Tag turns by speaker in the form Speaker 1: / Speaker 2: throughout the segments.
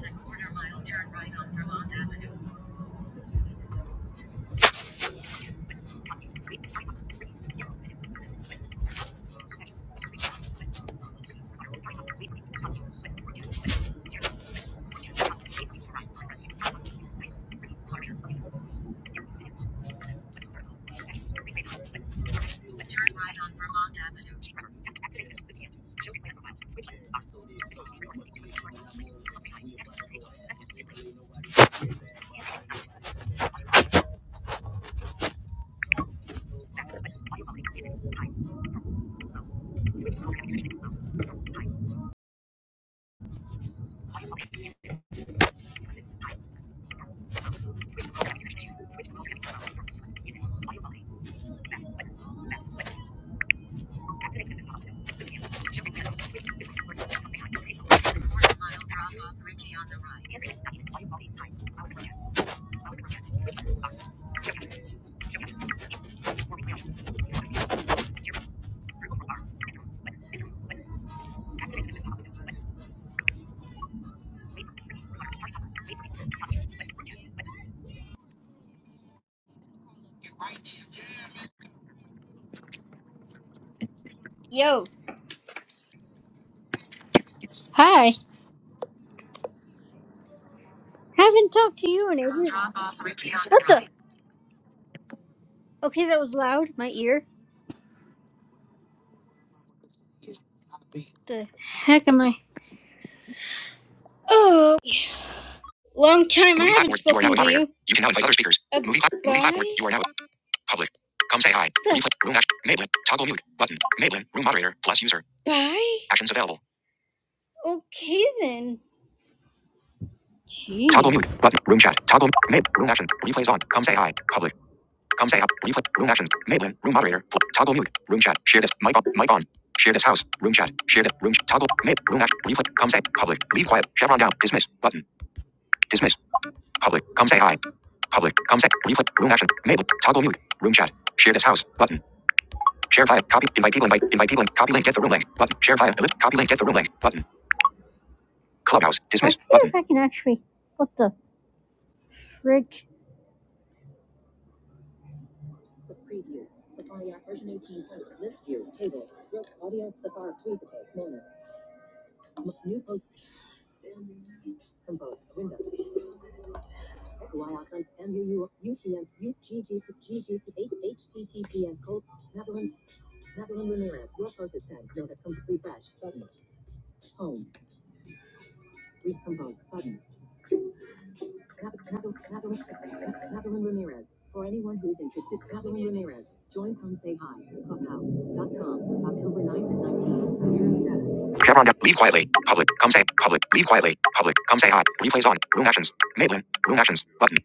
Speaker 1: A quarter mile turn right on Vermont Avenue. A Turn right on Vermont Avenue. Drop off.
Speaker 2: Yo. Hi. Haven't talked to you in ages.
Speaker 1: Drop off Ricky on the
Speaker 2: What the?
Speaker 1: right.
Speaker 2: Okay, that was loud. My ear. The heck am I? Oh, long time. I Movie haven't platform. You are now spoken a to moderator. you. You can now invite other speakers. A Movie, plat- movie platform. You are now public. Come say hi. The Replay. Room action. Maitland. Toggle mute. Button. Maitland. Room moderator. Plus user. Bye. Actions available. Okay then. Jeez. Toggle mute. Button. Room chat. Toggle. Mate. Room action. Replays on. Come say hi. Public. Come say app. Replay. Room actions. Mailin. Room moderator. toggle mute. Room chat. Share this. Mic on. Mic on. Share this house. Room chat. Share this. Room. Ch- toggle. Mid. Room action. Replay. Come say. Public. Leave quiet. Chevron down. Dismiss. Button. Dismiss. Public. Come say hi. Public. Come say. Replay. Room action. Mail. Toggle mute. Room chat. Share this house. Button. Share file. Copy. Invite people. Invite. Invite people. Copy link. Get the room link. Button. Share file. Copy link. Get the room link. Button. Clubhouse. Dismiss. Let's see Button. if I can actually. What the frig? Sub preview. Safari app version 18.0. List view. Table. Rope audio. Safari. Tweezite. Mono. New post. Compose. Window. Echo IOX. MUU. UTM. UGG. HTTPS. Colts. Madeline. Madeline Ramirez. Your post is sent. Nova. Com- refresh. Button. Home. Recompose. Button. Evelyn Ramirez. For anyone who's interested, Evelyn Ramirez. Join Come Say Hi, clubhouse.com, October 9th and 19th, 07. Chevron, leave quietly. Public, come say, public, leave quietly. Public, come say hi. Replays on. Room actions. Maitland, room actions. Button.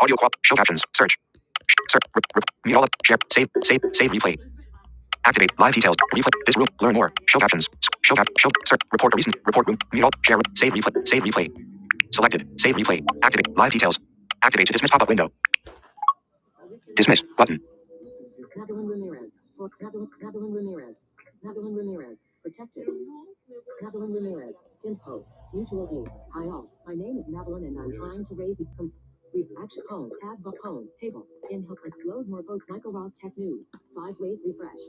Speaker 2: Audio quap, show captions, search. Search, re- re- mute all up, share, save, save, save replay. Activate live details. Replay this room. Learn more. Show captions. Show cap. Show. Search. Report a recent. Report room. Mute all. Share. Save replay. Save replay. Selected. Save replay. Activate. Live details. Activate to dismiss pop-up window. Dismiss button. Ramirez. Ramirez. Pabulon Ramirez. Pabulon Ramirez. Protected. Pabulon Ramirez. In post. Mutual aid. I own. My name is Madeline and I'm trying to raise com- Action home. home. Tab home, Table. In help. Load more. vote, Michael Ross. Tech news. Five ways. Refresh.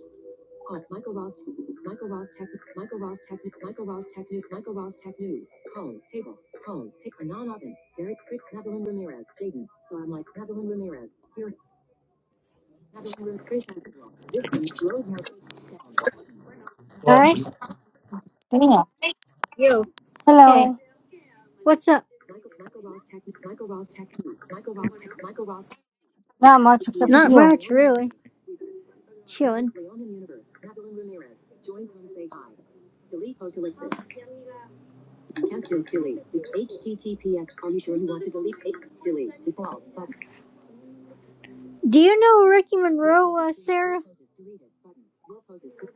Speaker 2: Home. Michael Ross. Michael Ross Tech. Michael Ross Technic. Michael Ross Technic. Michael Ross Tech News. Home. Table. Home. Tick. Anon Oven. Derek Crick. Madeline Ramirez. Jaden. So I'm like Madeline Ramirez. Here. Madeline Ramirez. This one. Road Hi.
Speaker 3: What? Yeah.
Speaker 2: Yo, Hey.
Speaker 3: Hello.
Speaker 2: What's up? Michael. Michael Ross Tech. Michael Ross Tech. Michael Ross Tech. Michael Ross.
Speaker 3: Not much except with
Speaker 2: Not
Speaker 3: you.
Speaker 2: much, really. Chilling. Leonin Universe. Madeline Ramirez. Join. say hi. Delete. Post. Ellipsis. Do you know Ricky Monroe, uh, Sarah?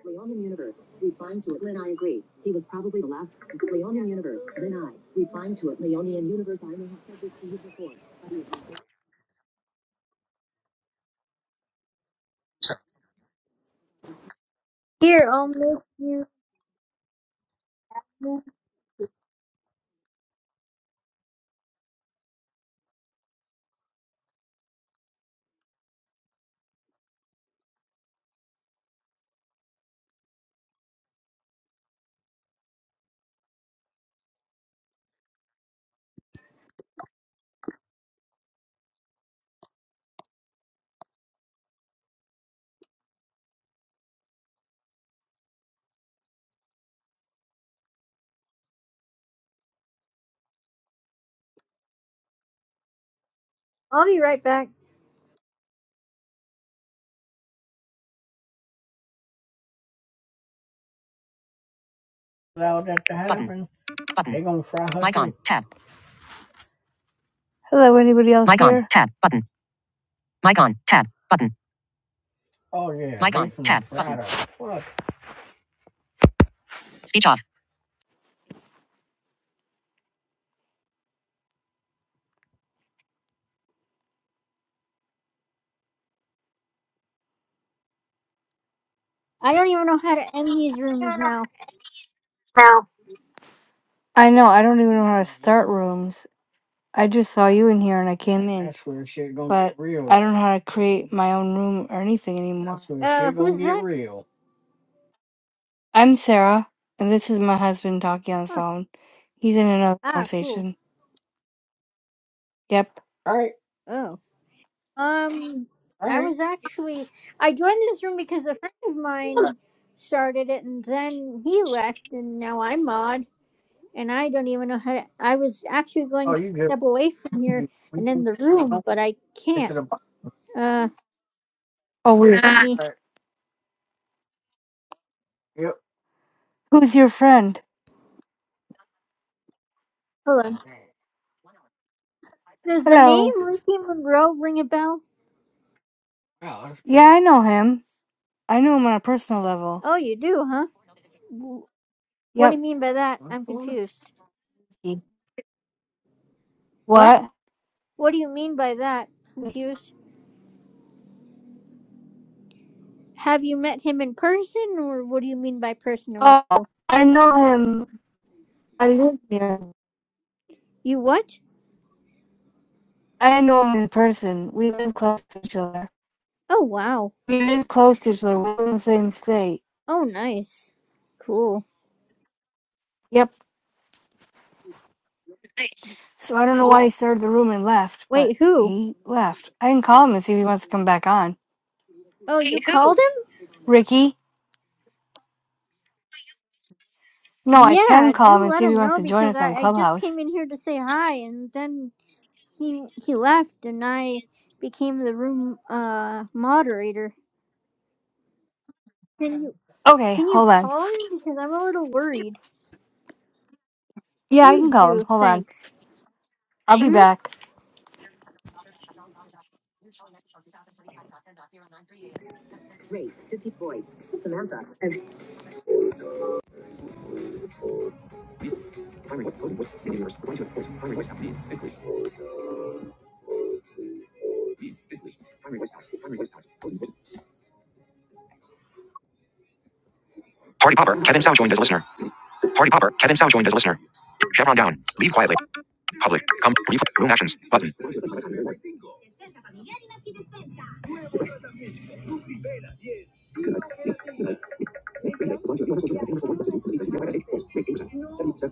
Speaker 2: Leonin Universe. Replying to it. Then I agree. He was probably the last. Leonin Universe. Then I. Replying to it. Leonian Universe. I may have said this to you before. Here, I'll make you. I'll be right back.
Speaker 3: Hello, anybody else here?
Speaker 2: I don't even know how to end these rooms now.
Speaker 3: I know, I don't even know how to start rooms. I just saw you in here and I came in. That's where shit gonna but get real. I don't know how to create my own room or anything anymore. That's where
Speaker 2: Uh,
Speaker 3: shit gonna
Speaker 2: who's
Speaker 3: get
Speaker 2: that?
Speaker 3: real. I'm Sarah, and this is my husband talking on the
Speaker 2: Oh,
Speaker 3: phone. He's in another
Speaker 2: ah, cool.
Speaker 3: conversation. Yep.
Speaker 2: Oh. Um, I was actually I joined this room because a friend of mine started it, and then he left, and now I'm mod, and I don't even know how to. I was actually going to step away from here and in the room, but I can't. Uh,
Speaker 3: Oh, wait.
Speaker 2: let me
Speaker 3: Who's your friend?
Speaker 2: hold on. Does the
Speaker 3: Hello.
Speaker 2: name Ricky Monroe ring a bell?
Speaker 3: Yeah, I know him. I know him on a personal level.
Speaker 2: Oh, you do, huh? W- What do
Speaker 3: Yep.
Speaker 2: you mean by that? I'm confused. What?
Speaker 3: What?
Speaker 2: What do you mean by that? Confused. Have you met him in person, or what do you mean by personal?
Speaker 3: Oh, I know him. I live near him.
Speaker 2: You what?
Speaker 3: I know him in person. We live close to each other.
Speaker 2: Oh wow.
Speaker 3: We live close to each other. We live in the same state.
Speaker 2: Oh nice. Cool.
Speaker 3: Yep. So I don't know why he started the room and left, but
Speaker 2: Wait, who?
Speaker 3: he left. I can call him and see if he wants to come back on.
Speaker 2: Oh, you called
Speaker 3: Ricky? No,
Speaker 2: him?
Speaker 3: I can
Speaker 2: Yeah,
Speaker 3: call him
Speaker 2: do
Speaker 3: and
Speaker 2: let
Speaker 3: see if he
Speaker 2: him
Speaker 3: wants
Speaker 2: know
Speaker 3: to join
Speaker 2: because
Speaker 3: us on
Speaker 2: I, I just
Speaker 3: Clubhouse.
Speaker 2: came in here to say hi and then he he left and I became the room uh moderator. Can you
Speaker 3: Okay,
Speaker 2: can you
Speaker 3: hold on.
Speaker 2: call him because I'm a little worried.
Speaker 3: Yeah, I can
Speaker 2: Please
Speaker 3: call him.
Speaker 2: do.
Speaker 3: Hold on.
Speaker 2: Thanks.
Speaker 3: I'll be
Speaker 2: Mhm.
Speaker 3: back.
Speaker 2: Rate fifty boys. Samantha. And Party Popper, Kevin Tsao joined as listener. Party Popper, Kevin Sow joined as listener. Chevron down. Leave quietly. Public. Come. Brief. Room actions. Button.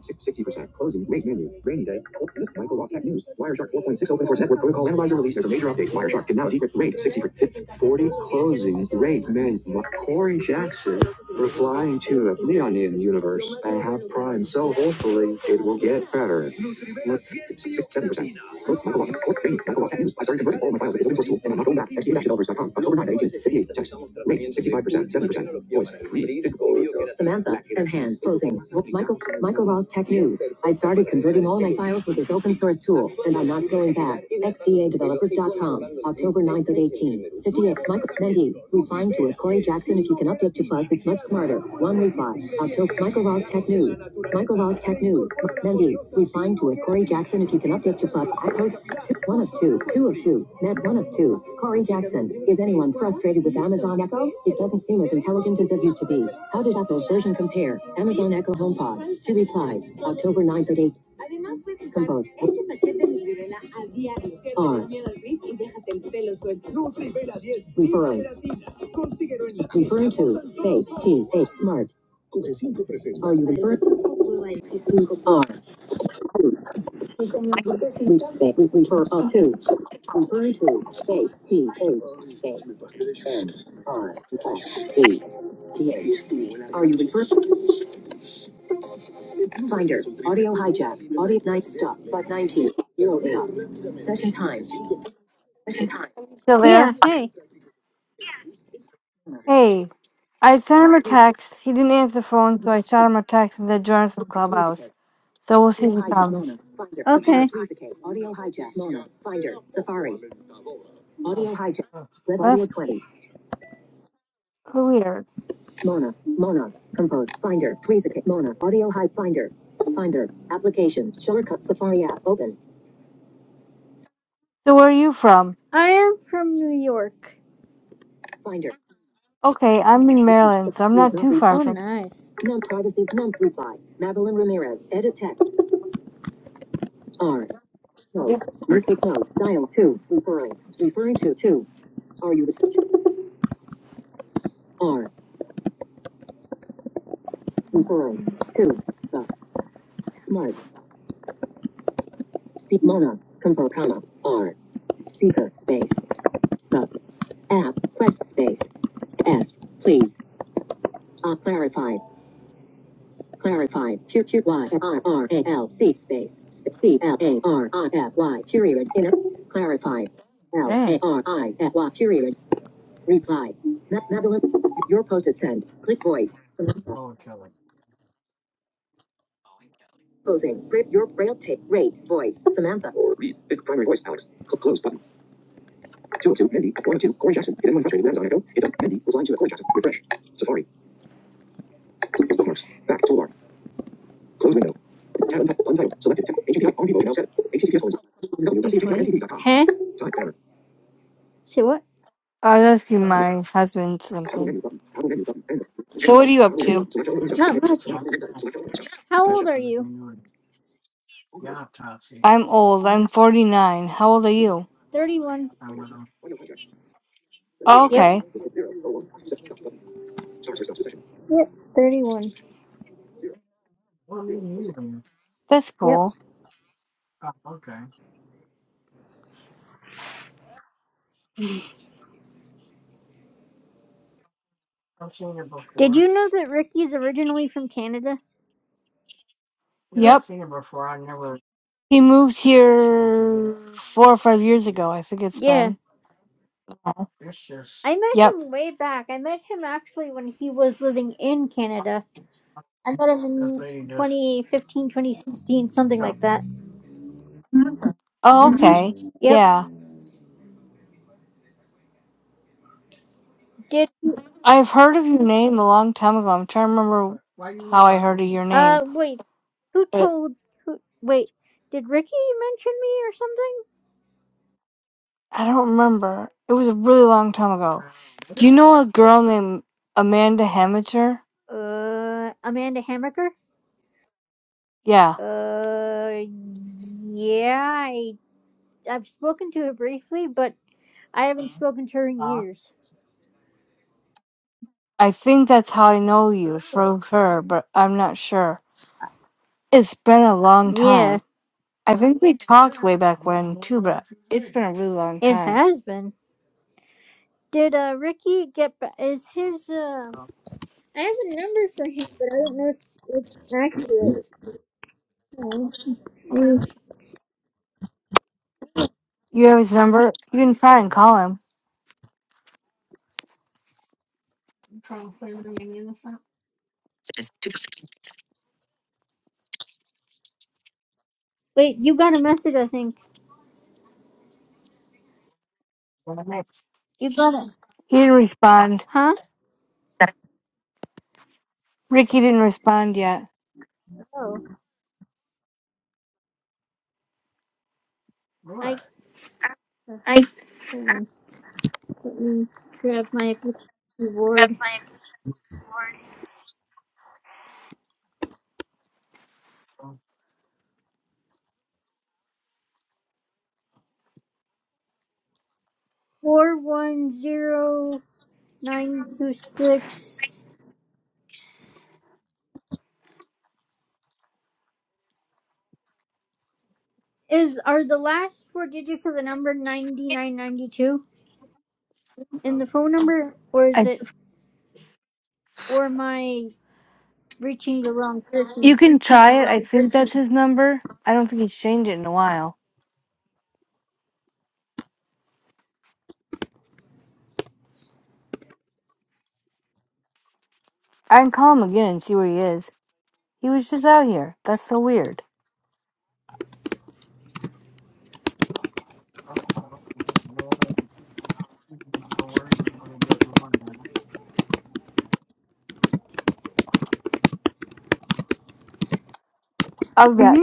Speaker 2: sixty percent. Closing. Rate menu. Rainy day. Michael Ross Tech News. Wireshark 4.6 open source network protocol analyzer release. There's a major update. Wireshark can now decrypt rate 60 percent. 40 closing rate menu. Corey Jackson replying to a neon in universe. I have prime, so hopefully it will get better. Lord, six, seven percent. Growth, number one. Growth training, number News. I started converting all my files to open source Tool, and I'm not going back. X D dash developers dot Com. October ninth at eighteen fifty-eight. 58, text. Rates, 65%, 7%. Voice, read, Samantha, and hand, closing. With Michael, Michael Ross Tech News. I started converting all my files with this open source tool, and I'm not going back. X D A developers dot Com. October ninth at eighteen fifty-eight. 58, Michael Mendy, confined to it. Corey Jackson, if you can update to plus, it's much smarter. One reply. October. Michael Ross Tech News. Michael Ross Tech News. Mendy, replying to it. Corey Jackson, if you can update to plus, I post two, one of two, two of two, Med one of two. Corey Jackson, is anyone frustrated with Amazon Echo? It doesn't seem as intelligent as it used to be. How does Apple's version compare? Amazon Echo HomePod. Two replies. October ninth, at 8. Compose. R. Referring. Referring to space T space smart. Are you referring R? Re- refer up to referring to space T space and R T T H. Are you referring? Finder audio hijack audio night stop but 19 zero eight. session time.
Speaker 3: Still there?
Speaker 2: Yeah, hey.
Speaker 3: Hey, I sent him a text. He didn't answer the phone, so I shot him a text and said, join us on Clubhouse. So we'll see if he comes.
Speaker 2: Okay. Audio hijack Mona. Finder. Safari. Audio hijack. Red audio
Speaker 3: That's
Speaker 2: 20.
Speaker 3: so weird.
Speaker 2: Mona. Mona. Compose. Finder. Tweezerkit. Mona. Audio Hijack, Finder. Finder. Application. Shortcut. Safari app. Open.
Speaker 3: So where are you from?
Speaker 2: I am from New York. Finder.
Speaker 3: Okay, I'm in
Speaker 2: Mona.
Speaker 3: Maryland, so I'm
Speaker 2: Safari is
Speaker 3: not
Speaker 2: not
Speaker 3: too far
Speaker 2: responding.
Speaker 3: from.
Speaker 2: Oh, nice. No privacy. no reply. Madeline Ramirez. Edit text. R. No.
Speaker 3: Yep.
Speaker 2: New pick note. Dial 2. Referring. Referring to 2. Are you R. Referring. 2. The. Smart. Speak. Mona. Compose. Comma. R. Speaker. Space. The. App. Press space. S. Please. Uh, clarified. Clarified. Q Q Y I R A L C space. C L A R I F Y. Period. In it, Clarified. L A
Speaker 3: Dang.
Speaker 2: R I F Y. Period. Reply. Madeline, your post is sent. Click voice. Samantha. Closing. Rip your braille tape. Rate. Voice. Samantha. or Read. Big primary voice, Alex. Cl- close button. 202, Mindy, at 102, Corey Jackson. Is anyone frustrated with Amazon Echo? It does. Mindy was lying to a at Corey Jackson. Refresh. Safari. Bookmarks. Back. Toolbar. Close window. Tab unti- untitled. Selected. HTTP. On people. Now set. HTTP. Colon.
Speaker 3: You sleep.
Speaker 2: www.cgpintv.com. Huh? Select banner. Say what?
Speaker 3: I was asking my husband
Speaker 2: Toggle
Speaker 3: something.
Speaker 2: menu button. Toggle menu button. End.
Speaker 3: So what are you up
Speaker 2: Toggle menu.
Speaker 3: to?
Speaker 2: Select all other Not much. How old are you?
Speaker 3: I'm old. I'm 49. How old are you?
Speaker 2: 31.
Speaker 3: Oh,
Speaker 2: Yep.
Speaker 3: okay,
Speaker 2: Oh, Yep. 31.
Speaker 3: that's
Speaker 2: Yep.
Speaker 3: cool.
Speaker 2: Did you know that Ricky's originally from Canada? Yep.
Speaker 3: Yep. He moved here four or five years ago. I think it's
Speaker 2: Yeah.
Speaker 3: been.
Speaker 2: I met
Speaker 3: Yep.
Speaker 2: him way back. I met him actually when he was living in Canada. I met him in 2015, 2016, something like that.
Speaker 3: Oh, okay.
Speaker 2: Mhm. Yep.
Speaker 3: Yeah.
Speaker 2: Did
Speaker 3: I've heard of your name a long time ago. I'm trying to remember how I heard of your name.
Speaker 2: uh wait, who told who? Wait, did Ricky mention me
Speaker 3: I don't remember. It was a really long time ago. Do you know a girl named Amanda Hamager?
Speaker 2: or something? Uh, Amanda Hammaker.
Speaker 3: Yeah,
Speaker 2: Uh, yeah, I I've spoken to her briefly, but I haven't spoken to her in years.
Speaker 3: I think that's how I know you from her, but I'm not sure. It's been a long
Speaker 2: Yeah,
Speaker 3: time. I think we talked way back when too, but it's been a really long
Speaker 2: it
Speaker 3: time.
Speaker 2: has been. Did uh Ricky get back? Is his uh? I have a number for him, but I don't know if it's accurate. Um,
Speaker 3: You have his number? You can try and call him.
Speaker 2: Wait, you got a message, I think. You got it.
Speaker 3: He didn't respond.
Speaker 2: Huh?
Speaker 3: Ricky didn't respond yet.
Speaker 2: Oh, I hold on. Let me grab my keyboard. Four one zero nine two six is are the last four digits of the number ninety nine ninety two in the phone number, or is
Speaker 3: I
Speaker 2: it or am I reaching the wrong person?
Speaker 3: you can try it. I think that's his number. I don't think he's changed it in a while. I can call him again and see where he is. He was just out here. That's so weird. I'll be back.